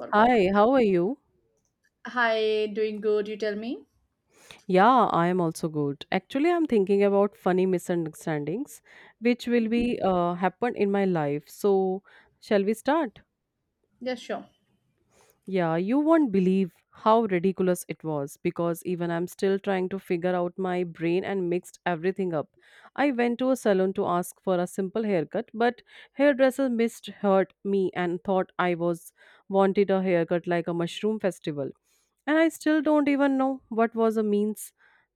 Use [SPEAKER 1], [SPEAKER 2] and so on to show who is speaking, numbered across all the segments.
[SPEAKER 1] For
[SPEAKER 2] Hi,
[SPEAKER 1] complete
[SPEAKER 2] how
[SPEAKER 1] girl.
[SPEAKER 2] are you?
[SPEAKER 1] Hi, doing good, you tell me?
[SPEAKER 2] Yeah, I am also good. Actually, I'm thinking about funny misunderstandings which will
[SPEAKER 1] Hmm.
[SPEAKER 2] be happen in my life. So, shall we start?
[SPEAKER 1] Yeah, sure.
[SPEAKER 2] Yeah, you won't believe how ridiculous it was because even I'm still trying to figure out my brain and mixed everything up. I went to a salon to ask for a simple haircut, but hairdresser misheard me and thought I was wanted a haircut like a mushroom festival. And I still don't even know what was a means.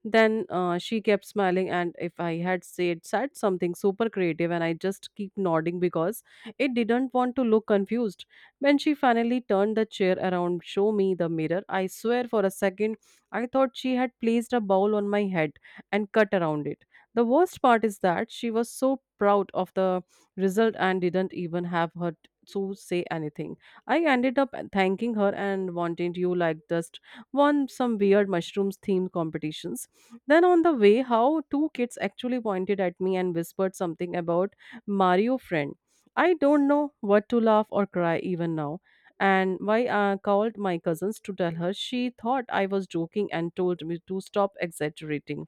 [SPEAKER 2] Then she kept smiling, and if I had said something super creative, and I just keep nodding because it didn't want to look confused when she finally turned the chair around, show me the mirror, I swear for a second I thought she had placed a bowl on my head and cut around it. The worst part is that she was so proud of the result and didn't even have her to say anything. I ended up thanking her and wanting you like just won some weird mushrooms themed competitions. Then on the way, how two kids actually pointed at me and whispered something about Mario friend. I don't know what to laugh or cry even now. And why I called my cousins to tell her she thought I was joking and told me to stop exaggerating.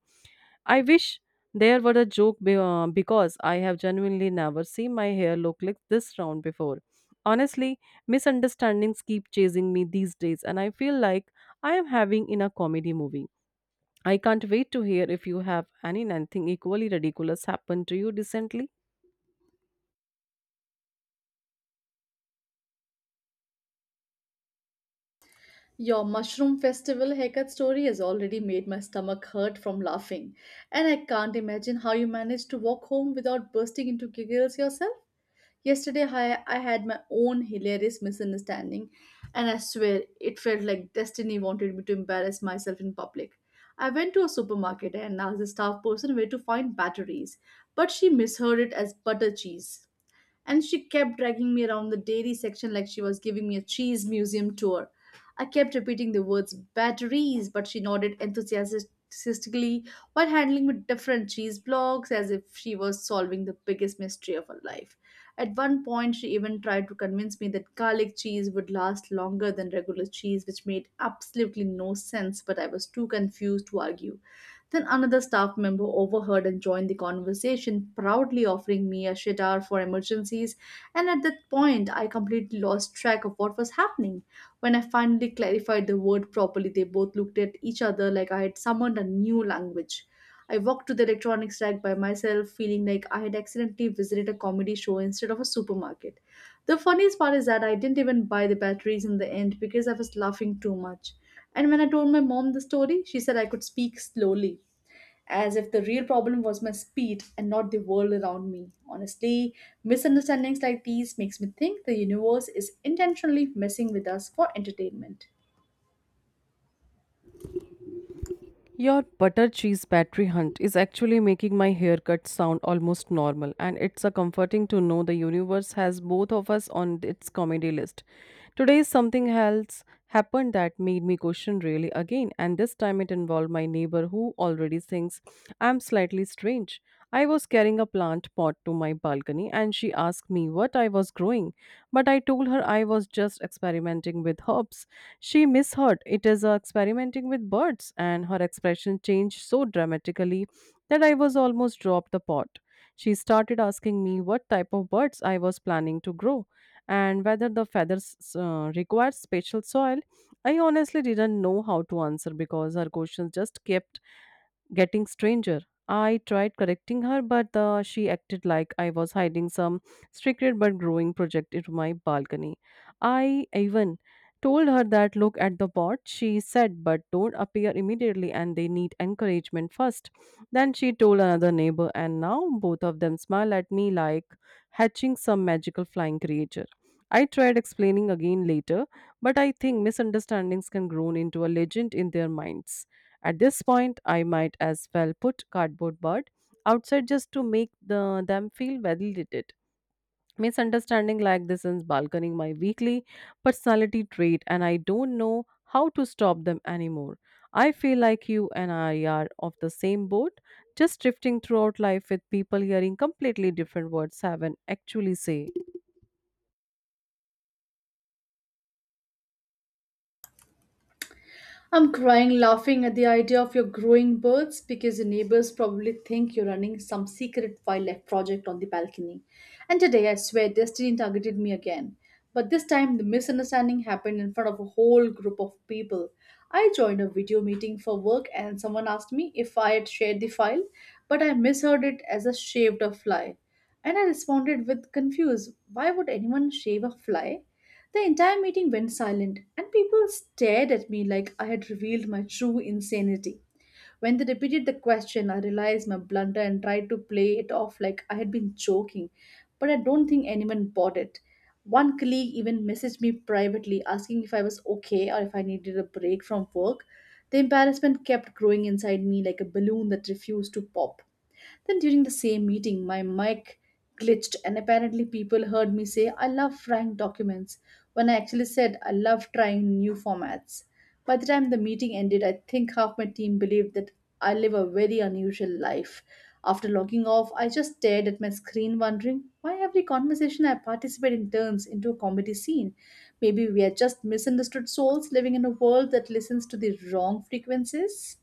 [SPEAKER 2] I wish there were a joke because I have genuinely never seen my hair look like this round before. Honestly, misunderstandings keep chasing me these days, and I feel like I am having in a comedy movie. I can't wait to hear if you have anything equally ridiculous happened to you recently.
[SPEAKER 1] Your mushroom festival haircut story has already made my stomach hurt from laughing, and I can't imagine how you managed to walk home without bursting into giggles yourself. Yesterday, I had my own hilarious misunderstanding, and I swear it felt like destiny wanted me to embarrass myself in public. I went to a supermarket and asked the staff person where to find batteries, but she misheard it as butter cheese. And she kept dragging me around the dairy section like she was giving me a cheese museum tour. I kept repeating the words batteries, but she nodded enthusiastically while handling me different cheese blocks as if she was solving the biggest mystery of her life. At one point, she even tried to convince me that garlic cheese would last longer than regular cheese, which made absolutely no sense, but I was too confused to argue. Then another staff member overheard and joined the conversation, proudly offering me a shidar for emergencies. And at that point, I completely lost track of what was happening. When I finally clarified the word properly, they both looked at each other like I had summoned a new language. I walked to the electronics rack by myself, feeling like I had accidentally visited a comedy show instead of a supermarket. The funniest part is that I didn't even buy the batteries in the end because I was laughing too much. And when I told my mom the story, she said I could speak slowly as if the real problem was my speed and not the world around me. Honestly, misunderstandings like these makes me think the universe is intentionally messing with us for entertainment.
[SPEAKER 2] Your butter cheese battery hunt is actually making my haircut sound almost normal, and it's a comforting to know the universe has both of us on its comedy list. Today, something else happened that made me question really again, and this time it involved my neighbor who already thinks I'm slightly strange. I was carrying a plant pot to my balcony, and she asked me what I was growing, but I told her I was just experimenting with herbs. She misheard it as experimenting with birds, and her expression changed so dramatically that I was almost dropped the pot. She started asking me what type of birds I was planning to grow and whether the feathers required special soil. I honestly didn't know how to answer because her questions just kept getting stranger. I tried correcting her, but she acted like I was hiding some secret but growing project into my balcony. I even told her that look at the pot. She said but don't appear immediately and they need encouragement first. Then she told another neighbor and now both of them smile at me like hatching some magical flying creature. I tried explaining again later, but I think misunderstandings can grow into a legend in their minds. At this point, I might as well put cardboard bird outside just to make them feel validated. Misunderstanding like this is balkaning my weekly personality trait, and I don't know how to stop them anymore. I feel like you and I are of the same boat, just drifting throughout life with people hearing completely different words haven't actually say.
[SPEAKER 1] I'm crying laughing at the idea of your growing birds because your neighbors probably think you're running some secret wildlife project on the balcony. And today I swear destiny targeted me again. But this time the misunderstanding happened in front of a whole group of people. I joined a video meeting for work and someone asked me if I had shared the file, but I misheard it as a shaved a fly. And I responded with confused, why would anyone shave a fly? The entire meeting went silent, and people stared at me like I had revealed my true insanity. When they repeated the question, I realized my blunder and tried to play it off like I had been joking, but I don't think anyone bought it. One colleague even messaged me privately asking if I was okay or if I needed a break from work. The embarrassment kept growing inside me like a balloon that refused to pop. Then during the same meeting, my mic glitched and apparently people heard me say, I love trying documents, when I actually said, I love trying new formats. By the time the meeting ended, I think half my team believed that I live a very unusual life. After logging off, I just stared at my screen, wondering why every conversation I participate in turns into a comedy scene. Maybe we are just misunderstood souls living in a world that listens to the wrong frequencies.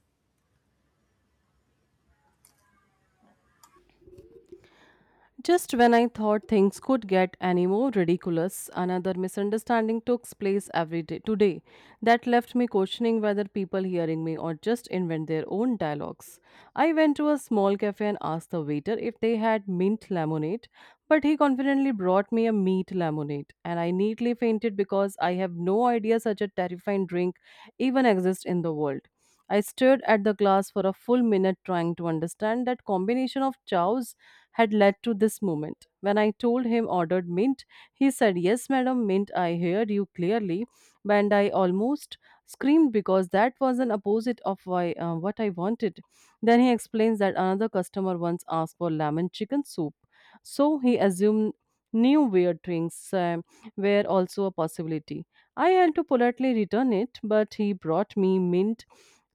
[SPEAKER 2] Just when I thought things could get any more ridiculous, another misunderstanding took place every day today that left me questioning whether people hearing me or just invent their own dialogues. I went to a small cafe and asked the waiter if they had mint lemonade, but he confidently brought me a meat lemonade, and I neatly fainted because I have no idea such a terrifying drink even exists in the world. I stared at the glass for a full minute trying to understand that combination of chows had led to this moment. When I told him ordered mint, he said, "Yes, madam, mint, I hear you clearly." And I almost screamed because that was an opposite of why, what I wanted. Then he explains that another customer once asked for lemon chicken soup. So he assumed new weird drinks were also a possibility. I had to politely return it, but he brought me mint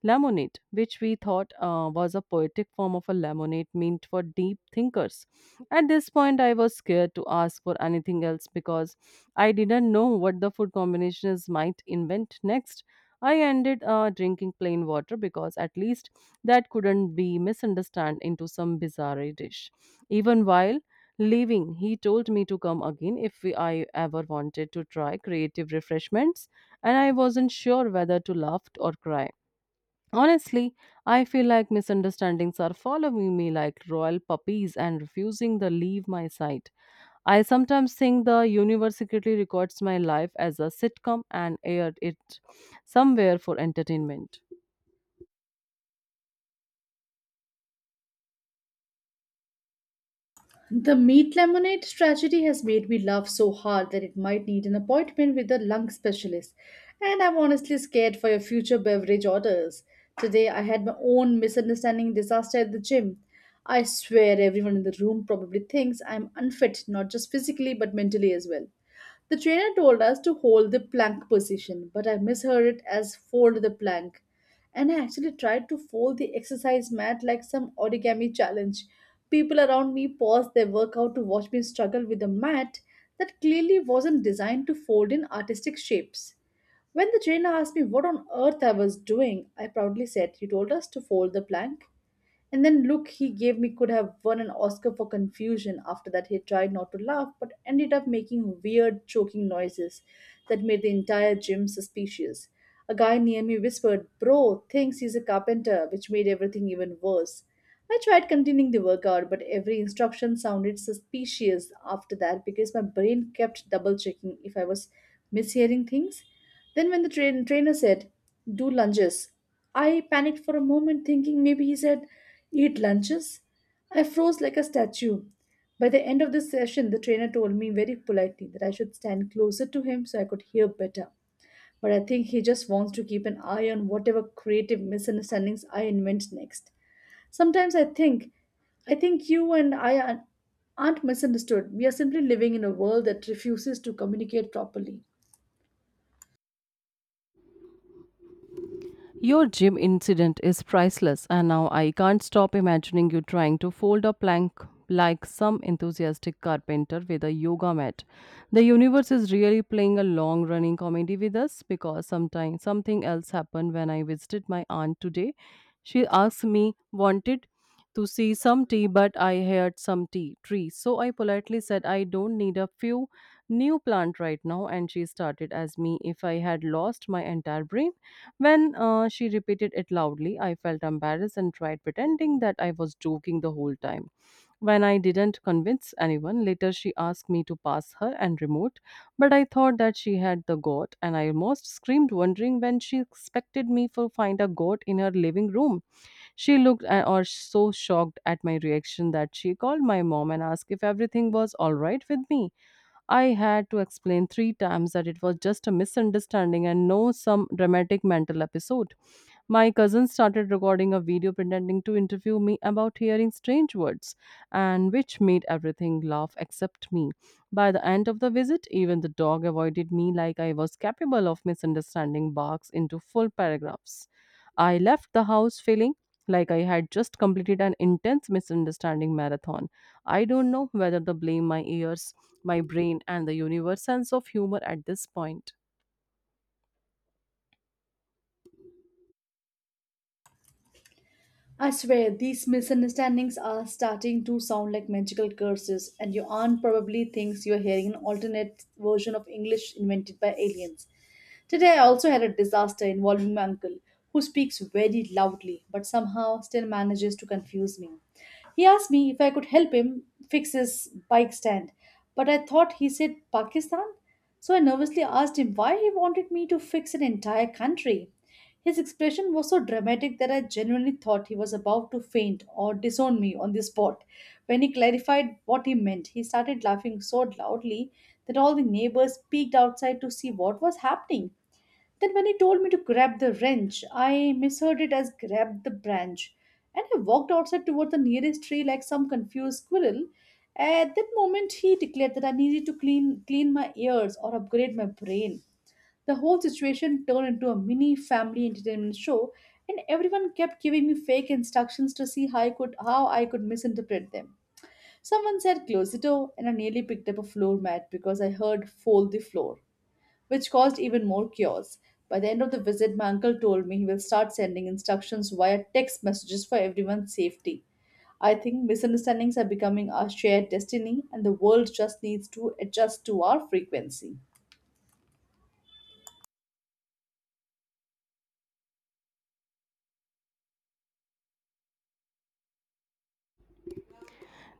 [SPEAKER 2] Lamonade, which we thought was a poetic form of a lemonade meant for deep thinkers. At this point, I was scared to ask for anything else because I didn't know what the food combinations might invent next. I ended drinking plain water because at least that couldn't be misunderstood into some bizarre dish. Even while leaving, he told me to come again if I ever wanted to try creative refreshments, and I wasn't sure whether to laugh or cry. Honestly, I feel like misunderstandings are following me like royal puppies and refusing to leave my sight. I sometimes think the universe secretly records my life as a sitcom and aired it somewhere for entertainment.
[SPEAKER 1] The meat lemonade tragedy has made me laugh so hard that it might need an appointment with a lung specialist. And I'm honestly scared for your future beverage orders. Today I had my own misunderstanding disaster at the gym. I swear everyone in the room probably thinks I'm unfit, not just physically but mentally as well. The trainer told us to hold the plank position, but I misheard it as fold the plank. And I actually tried to fold the exercise mat like some origami challenge. People around me paused their workout to watch me struggle with a mat that clearly wasn't designed to fold in artistic shapes. When the trainer asked me what on earth I was doing, I proudly said, You told us to fold the plank. And then look he gave me could have won an Oscar for confusion. After that, he tried not to laugh but ended up making weird choking noises that made the entire gym suspicious. A guy near me whispered, Bro, thinks he's a carpenter, which made everything even worse. I tried continuing the workout, but every instruction sounded suspicious after that because my brain kept double checking if I was mishearing things. Then, when the trainer said, Do lunges, I panicked for a moment, thinking maybe he said, Eat lunches. I froze like a statue. By the end of this session, the trainer told me very politely that I should stand closer to him so I could hear better. But I think he just wants to keep an eye on whatever creative misunderstandings I invent next. Sometimes I think you and aren't misunderstood. We are simply living in a world that refuses to communicate properly.
[SPEAKER 2] Your gym incident is priceless, and now I can't stop imagining you trying to fold a plank like some enthusiastic carpenter with a yoga mat. The universe is really playing a long running comedy with us because sometimes something else happened when I visited my aunt today. She asked me, wanted to see some tea, but I heard some tea tree. So I politely said, I don't need a few new plant right now. And she started as me if I had lost my entire brain. When she repeated it loudly, I felt embarrassed and tried pretending that I was joking the whole time. When I didn't convince anyone, later she asked me to pass her and remote, but I thought that she had the goat, and I almost screamed, wondering when she expected me to find a goat in her living room. She looked or so shocked at my reaction that she called my mom and asked if everything was all right with me. I had to explain 3 times that it was just a misunderstanding and no some dramatic mental episode. My cousin started recording a video pretending to interview me about hearing strange words, and which made everything laugh except me. By the end of the visit, even the dog avoided me like I was capable of misunderstanding barks into full paragraphs. I left the house feeling like I had just completed an intense misunderstanding marathon. I don't know whether to blame my ears, my brain, and the universe sense of humor at this point.
[SPEAKER 1] I swear, these misunderstandings are starting to sound like magical curses, and your aunt probably thinks you are hearing an alternate version of English invented by aliens. Today, I also had a disaster involving my uncle, who speaks very loudly but somehow still manages to confuse me. He asked me if I could help him fix his bike stand, but I thought he said Pakistan, so I nervously asked him why he wanted me to fix an entire country. His expression was so dramatic that I genuinely thought he was about to faint or disown me on the spot. When he clarified what he meant, he started laughing so loudly that all the neighbors peeked outside to see what was happening. Then, when he told me to grab the wrench, I misheard it as grab the branch. And I walked outside toward the nearest tree like some confused squirrel. At that moment, he declared that I needed to clean my ears or upgrade my brain. The whole situation turned into a mini family entertainment show, and everyone kept giving me fake instructions to see how I could misinterpret them. Someone said close the door, and I nearly picked up a floor mat because I heard fold the floor, which caused even more chaos. By the end of the visit, my uncle told me he will start sending instructions via text messages for everyone's safety. I think misunderstandings are becoming our shared destiny, and the world just needs to adjust to our frequency.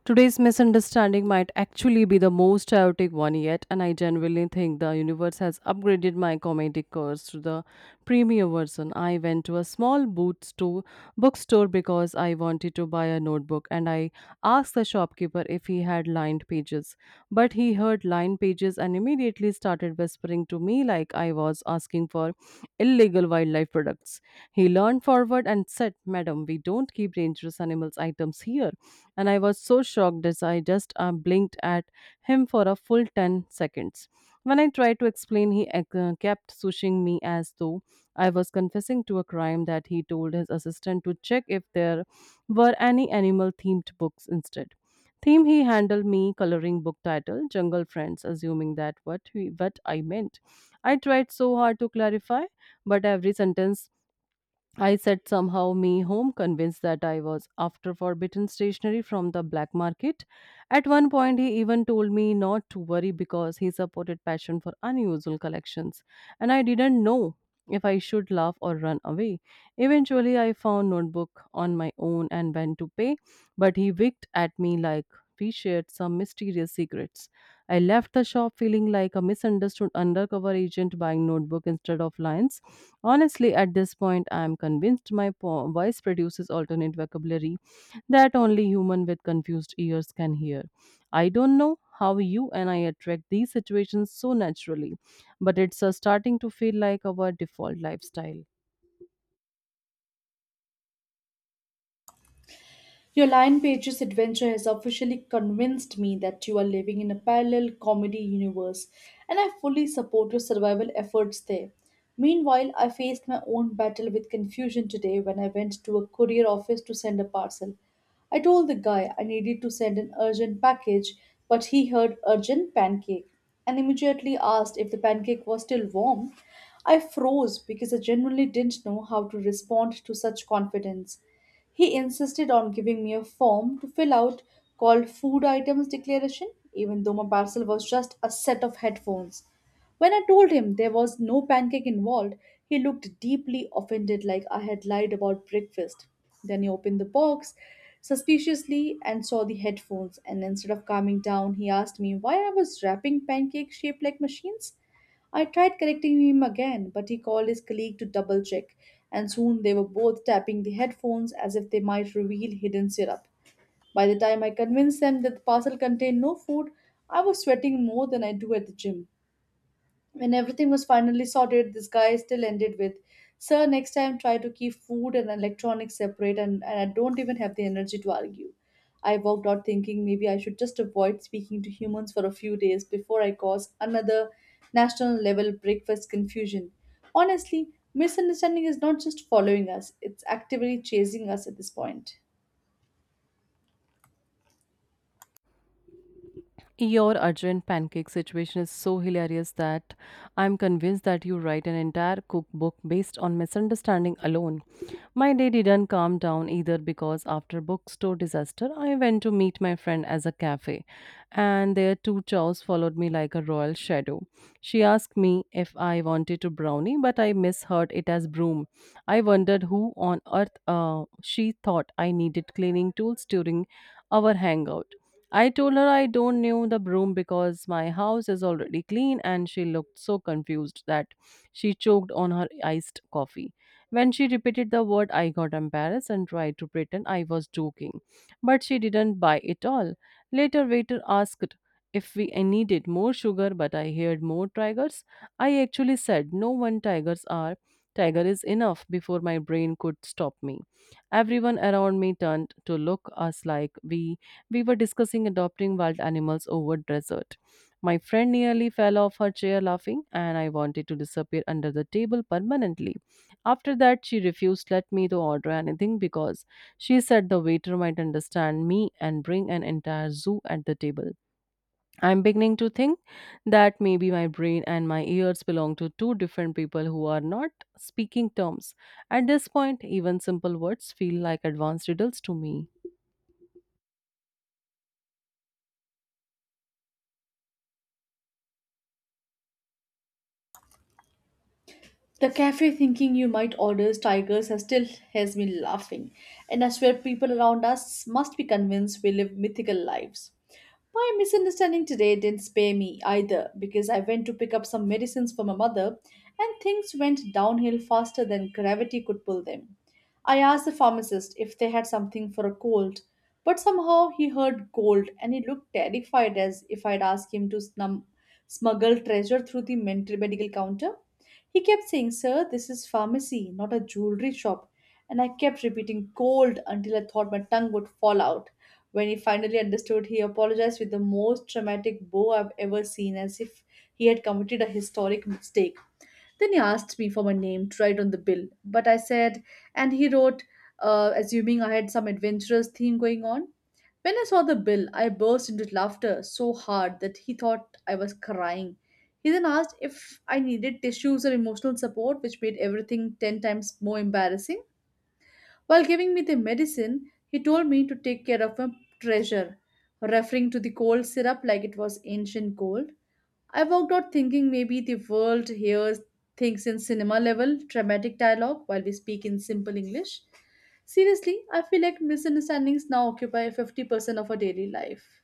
[SPEAKER 2] Today's misunderstanding might actually be the most chaotic one yet, and I genuinely think the universe has upgraded my comedic curse to the premium version. I went to a small bookstore because I wanted to buy a notebook, and I asked the shopkeeper if he had lined pages. But he heard lined pages and immediately started whispering to me like I was asking for or illegal wildlife products. He leaned forward and said, "Madam, we don't keep dangerous animals items here." And I was so shocked as I just blinked at him for a full 10 seconds. When I tried to explain, he kept swishing me as though I was confessing to a crime that he told his assistant to check if there were any animal themed books instead. Theme he handled me coloring book title Jungle Friends, assuming that what, he, what I meant. I tried so hard to clarify, but every sentence I said somehow me home, convinced that I was after forbidden stationery from the black market. At one point, he even told me not to worry because he supported passion for unusual collections, and I didn't know if I should laugh or run away. Eventually, I found notebook on my own and went to pay, but he winked at me like we shared some mysterious secrets. I left the shop feeling like a misunderstood undercover agent buying notebook instead of lions. Honestly, at this point, I am convinced my voice produces alternate vocabulary that only human with confused ears can hear. I don't know how you and I attract these situations so naturally, but it's starting to feel like our default lifestyle.
[SPEAKER 1] Your Lion Pages adventure has officially convinced me that you are living in a parallel comedy universe, and I fully support your survival efforts there. Meanwhile, I faced my own battle with confusion today when I went to a courier office to send a parcel. I told the guy I needed to send an urgent package, but he heard urgent pancake and immediately asked if the pancake was still warm. I froze because I genuinely didn't know how to respond to such confidence. He insisted on giving me a form to fill out called Food Items Declaration, even though my parcel was just a set of headphones. When I told him there was no pancake involved, he looked deeply offended like I had lied about breakfast. Then he opened the box suspiciously and saw the headphones, and instead of calming down, he asked me why I was wrapping pancake shaped like machines. I tried correcting him again, but he called his colleague to double check, and soon they were both tapping the headphones as if they might reveal hidden syrup. By the time I convinced them that the parcel contained no food, I was sweating more than I do at the gym. When everything was finally sorted, this guy still ended with, Sir, next time try to keep food and electronics separate, and I don't even have the energy to argue. I walked out thinking maybe I should just avoid speaking to humans for a few days before I cause another national level breakfast confusion. Honestly, misunderstanding is not just following us, it's actively chasing us at this point.
[SPEAKER 2] Your urgent pancake situation is so hilarious that I'm convinced that you write an entire cookbook based on misunderstanding alone. My day didn't calm down either because after bookstore disaster, I went to meet my friend as a cafe, and their two chows followed me like a royal shadow. She asked me if I wanted to brownie, but I misheard it as broom. I wondered who on earth she thought I needed cleaning tools during our hangout. I told her I don't knew the broom because my house is already clean and she looked so confused that she choked on her iced coffee. When she repeated the word I got embarrassed and tried to pretend I was joking, but she didn't buy it all. Later waiter asked if we I needed more sugar, but I heard more tigers. I actually said, no one tigers are tiger is enough before my brain could stop me. Everyone around me turned to look us like we were discussing adopting wild animals over desert. My friend nearly fell off her chair laughing, and I wanted to disappear under the table permanently. After that, she refused to let me to order anything because she said the waiter might understand me and bring an entire zoo at the table. I'm beginning to think that maybe my brain and my ears belong to two different people who are not speaking terms. At this point, even simple words feel like advanced riddles to me.
[SPEAKER 1] The cafe thinking you might order tigers has me laughing, and I swear people around us must be convinced we live mythical lives. My misunderstanding today didn't spare me either because I went to pick up some medicines for my mother and things went downhill faster than gravity could pull them. I asked the pharmacist if they had something for a cold, but somehow he heard gold and he looked terrified as if I'd asked him to smuggle treasure through the mental medical counter. He kept saying, Sir, this is pharmacy, not a jewelry shop. And I kept repeating "cold" until I thought my tongue would fall out. When he finally understood, he apologized with the most dramatic bow I've ever seen, as if he had committed a historic mistake. Then he asked me for my name to write on the bill, but I said, and he wrote, assuming I had some adventurous theme going on. When I saw the bill, I burst into laughter so hard that he thought I was crying. He then asked if I needed tissues or emotional support, which made everything 10 times more embarrassing. While giving me the medicine, he told me to take care of a treasure, referring to the cold syrup like it was ancient gold. I walked out thinking maybe the world hears things in cinema level, dramatic dialogue, while we speak in simple English. Seriously, I feel like misunderstandings now occupy 50% of our daily life.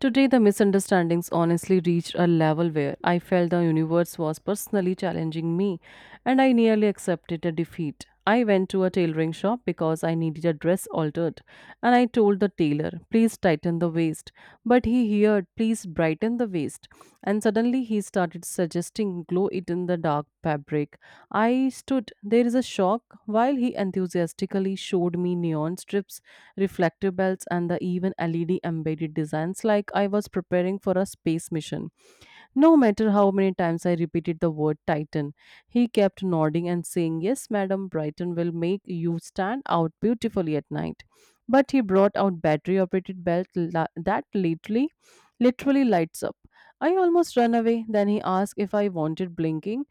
[SPEAKER 2] Today, the misunderstandings honestly reached a level where I felt the universe was personally challenging me and I nearly accepted a defeat. I went to a tailoring shop because I needed a dress altered, and I told the tailor, please tighten the waist. But he heard, please brighten the waist. And suddenly he started suggesting glow it in the dark fabric. I stood there is a shock while he enthusiastically showed me neon strips, reflective belts, and the even LED embedded designs like I was preparing for a space mission. No matter how many times I repeated the word Titan, he kept nodding and saying, yes, madam, Brighton will make you stand out beautifully at night. But he brought out battery operated that literally lights up. I almost ran away. Then he asked if I wanted blinking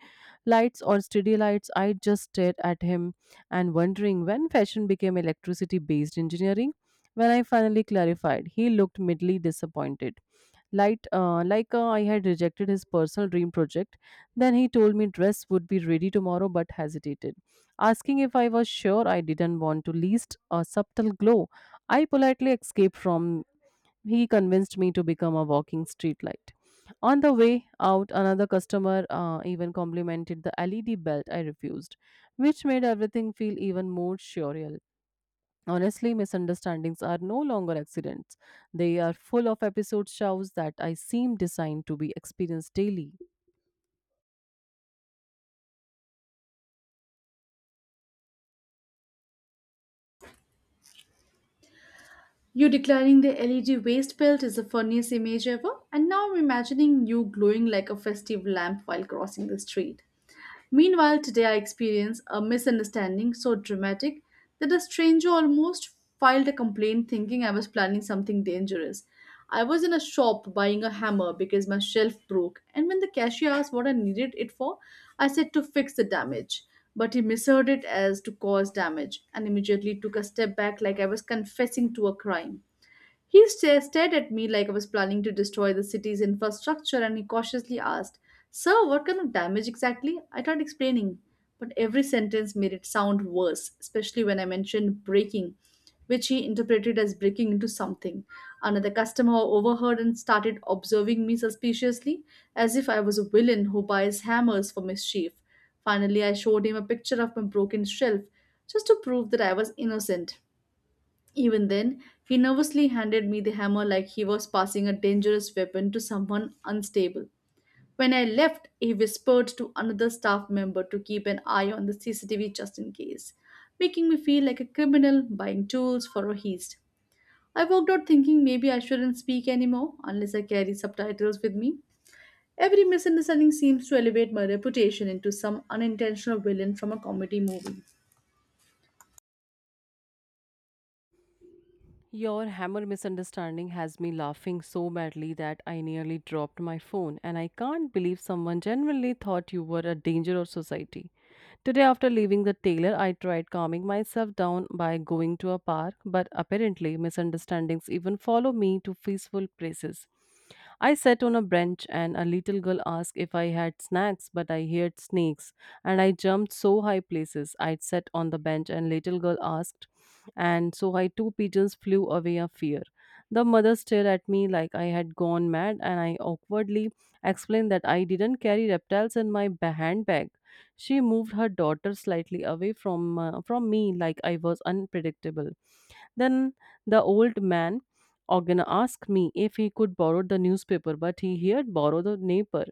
[SPEAKER 2] lights or study lights. I just stared at him and wondering when fashion became electricity based engineering. When I finally clarified, he looked midly disappointed. Like I had rejected his personal dream project. Then he told me dress would be ready tomorrow, but hesitated, asking if I was sure I didn't want to least a subtle glow. I politely escaped from he convinced me to become a walking streetlight. On the way out, another customer even complimented the LED belt I refused, which made everything feel even more surreal. Honestly, misunderstandings are no longer accidents. They are full of episode shows that I seem designed to be experienced daily.
[SPEAKER 1] You declaring the LED waist belt is the funniest image ever, and now I'm imagining you glowing like a festive lamp while crossing the street. Meanwhile, today I experienced a misunderstanding so dramatic that a stranger almost filed a complaint thinking I was planning something dangerous. I was in a shop buying a hammer because my shelf broke, and when the cashier asked what I needed it for, I said to fix the damage, but he misheard it as to cause damage and immediately took a step back like I was confessing to a crime. He stared at me like I was planning to destroy the city's infrastructure, and he cautiously asked, Sir, what kind of damage exactly? I tried explaining, but every sentence made it sound worse, especially when I mentioned breaking, which he interpreted as breaking into something. Another customer overheard and started observing me suspiciously, as if I was a villain who buys hammers for mischief. Finally, I showed him a picture of my broken shelf just to prove that I was innocent. Even then, he nervously handed me the hammer like he was passing a dangerous weapon to someone unstable. When I left, he whispered to another staff member to keep an eye on the CCTV just in case, making me feel like a criminal buying tools for a heist. I walked out thinking maybe I shouldn't speak anymore unless I carry subtitles with me. Every misunderstanding seems to elevate my reputation into some unintentional villain from a comedy movie.
[SPEAKER 2] Your hammer misunderstanding has me laughing so badly that I nearly dropped my phone, and I can't believe someone genuinely thought you were a danger of society. Today, after leaving the tailor, I tried calming myself down by going to a park, but apparently, misunderstandings even follow me to peaceful places. I sat on a bench, and a little girl asked if I had snacks, but I heard snakes, and I jumped so high places. I sat on the bench, and little girl asked and so I two pigeons flew away of fear. The mother stared at me like I had gone mad, and I awkwardly explained that I didn't carry reptiles in my handbag. She moved her daughter slightly away from me, like I was unpredictable. Then the old man organ asked me if he could borrow the newspaper, but he here borrowed the neighbor,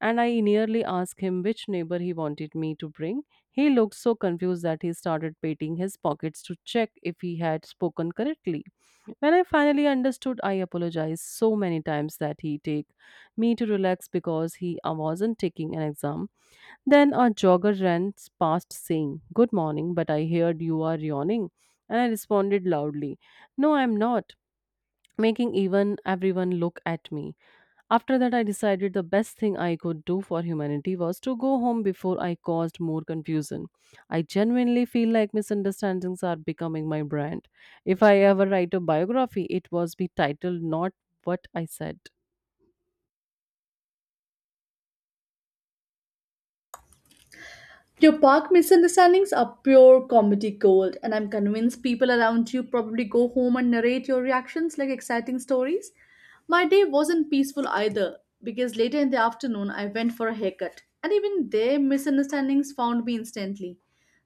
[SPEAKER 2] and I nearly asked him which neighbor he wanted me to bring. He looked so confused that he started patting his pockets to check if he had spoken correctly. When I finally understood, I apologized so many times that he take me to relax because he wasn't taking an exam. Then a jogger ran past saying, good morning, but I heard you are yawning. And I responded loudly, no, I'm not, making even everyone look at me. After that, I decided the best thing I could do for humanity was to go home before I caused more confusion. I genuinely feel like misunderstandings are becoming my brand. If I ever write a biography, it was be titled Not What I Said.
[SPEAKER 1] Your park misunderstandings are pure comedy gold, and I'm convinced people around you probably go home and narrate your reactions like exciting stories. My day wasn't peaceful either, because later in the afternoon I went for a haircut, and even their misunderstandings found me instantly.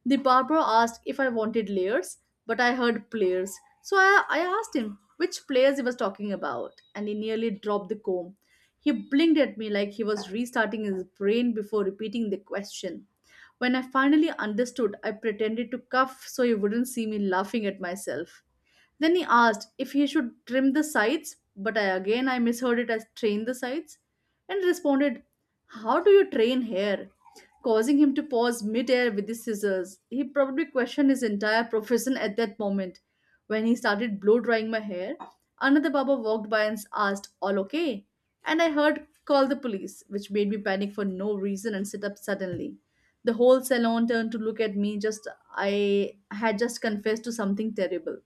[SPEAKER 1] The barber asked if I wanted layers, but I heard players. So I asked him which players he was talking about, and he nearly dropped the comb. He blinked at me like he was restarting his brain before repeating the question. When I finally understood, I pretended to cough so he wouldn't see me laughing at myself. Then he asked if he should trim the sides, but I again I misheard it as train the sides and responded, how do you train hair? Causing him to pause midair with the scissors. He probably questioned his entire profession at that moment. When he started blow drying my hair, another Baba walked by and asked, all okay? And I heard, call the police, which made me panic for no reason and sit up suddenly. The whole salon turned to look at me just I had just confessed to something terrible.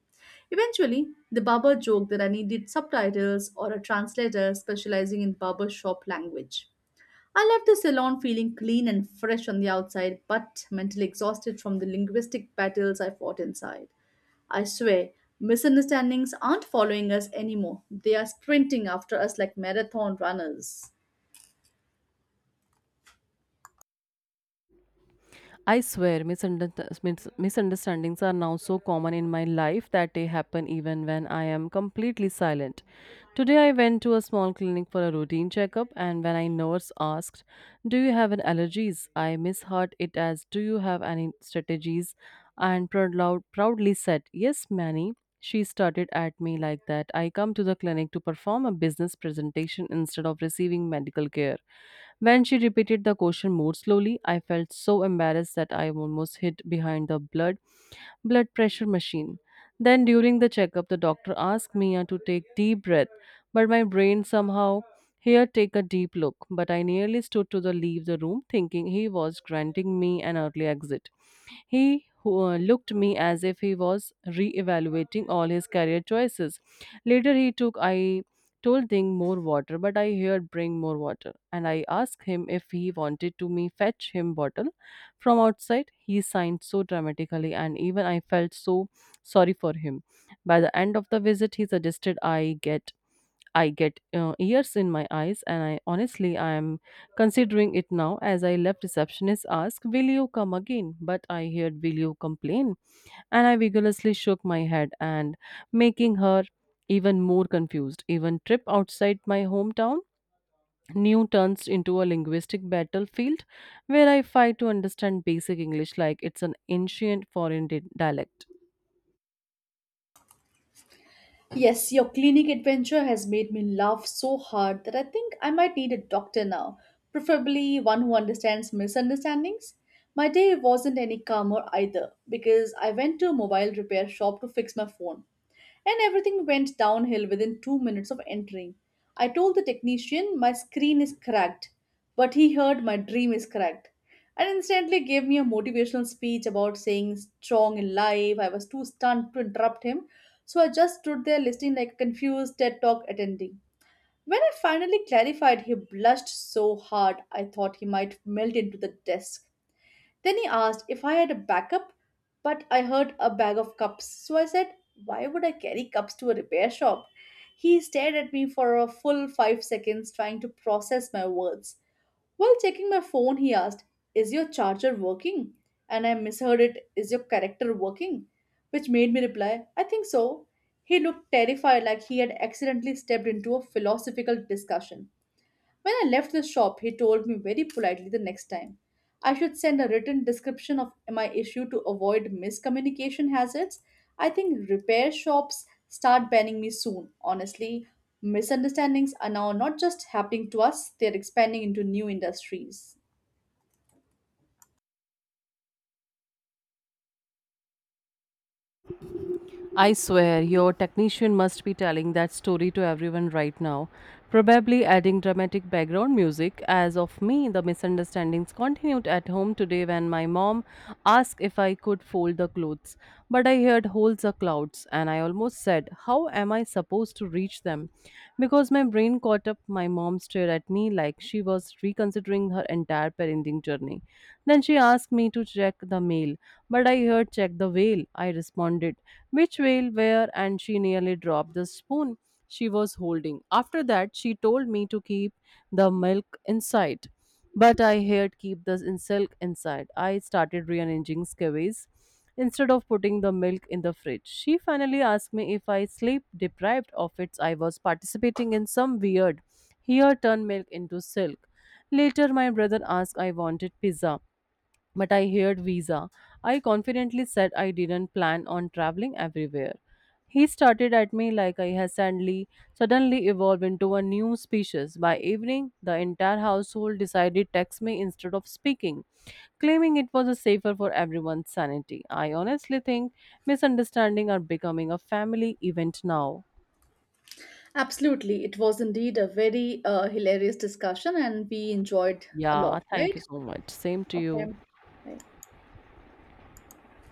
[SPEAKER 1] Eventually, the barber joked that I needed subtitles or a translator specializing in barber shop language. I left the salon feeling clean and fresh on the outside, but mentally exhausted from the linguistic battles I fought inside. I swear, misunderstandings aren't following us anymore. They are sprinting after us like marathon runners.
[SPEAKER 2] I swear, misunderstandings are now so common in my life that they happen even when I am completely silent. Today, I went to a small clinic for a routine checkup, and when I nurse asked, "Do you have any allergies?" I misheard it as, "Do you have any strategies?" and proudly said, "Yes, many." She started at me like that. I come to the clinic to perform a business presentation instead of receiving medical care. When she repeated the question more slowly, I felt so embarrassed that I almost hid behind the blood pressure machine. Then during the checkup, the doctor asked Mia to take deep breath, but my brain somehow here take a deep look. But I nearly stood to the leave the room, thinking he was granting me an early exit. He looked me as if he was re-evaluating all his career choices. Later, he took I told Ding more water, but I heard bring more water, and I asked him if he wanted to me fetch him bottle from outside. He signed so dramatically, and even I felt so sorry for him. By the end of the visit, he suggested I get ears in my eyes, and I am considering it now. As I left, receptionist asked, "Will you come again?" But I heard, "Will you complain?" And I vigorously shook my head, and making her even more confused. Even trip outside my hometown new turns into a linguistic battlefield where I fight to understand basic English like it's an ancient foreign dialect.
[SPEAKER 1] Yes, your clinic adventure has made me laugh so hard that I think I might need a doctor now, preferably one who understands misunderstandings. My day wasn't any calmer either, because I went to a mobile repair shop to fix my phone, and everything went downhill within 2 minutes of entering. I told the technician my screen is cracked, but he heard my dream is cracked, and instantly gave me a motivational speech about saying strong in life. I was too stunned to interrupt him, so I just stood there listening like a confused TED Talk attendee. When I finally clarified, he blushed so hard I thought he might melt into the desk. Then he asked if I had a backup, but I heard a bag of cups. So I said, why would I carry cups to a repair shop? He stared at me for a full 5 seconds, trying to process my words. While checking my phone, he asked, is your charger working? And I misheard it: "Is your character working?" Which made me reply, I think so. He looked terrified, like he had accidentally stepped into a philosophical discussion. When I left the shop, he told me very politely the next time I should send a written description of my issue to avoid miscommunication hazards. I think repair shops start banning me soon. Honestly, misunderstandings are now not just happening to us, they're expanding into new industries.
[SPEAKER 2] I swear, your technician must be telling that story to everyone right now, probably adding dramatic background music. As of me, the misunderstandings continued at home today when my mom asked if I could fold the clothes. But I heard holes are clouds, and I almost said, how am I supposed to reach them? Because my brain caught up, my mom stared at me like she was reconsidering her entire parenting journey. Then she asked me to check the mail, but I heard check the whale. I responded which will wear, and she nearly dropped the spoon she was holding. After that, she told me to keep the milk inside. But I heard keep the silk inside. I started rearranging scabies instead of putting the milk in the fridge. She finally asked me if I sleep deprived of it. I was participating in some weird here turn milk into silk. Later, my brother asked I wanted pizza, but I heard visa. I confidently said I didn't plan on traveling everywhere. He started at me like I had suddenly evolved into a new species. By evening, the entire household decided to text me instead of speaking, claiming it was a safer for everyone's sanity. I honestly think misunderstanding are becoming a family event now.
[SPEAKER 1] Absolutely. It was indeed a very hilarious discussion, and we enjoyed a
[SPEAKER 2] Yeah,
[SPEAKER 1] lot,
[SPEAKER 2] thank
[SPEAKER 1] right?
[SPEAKER 2] you so much. Same to
[SPEAKER 1] Okay.
[SPEAKER 2] you.
[SPEAKER 1] Bye.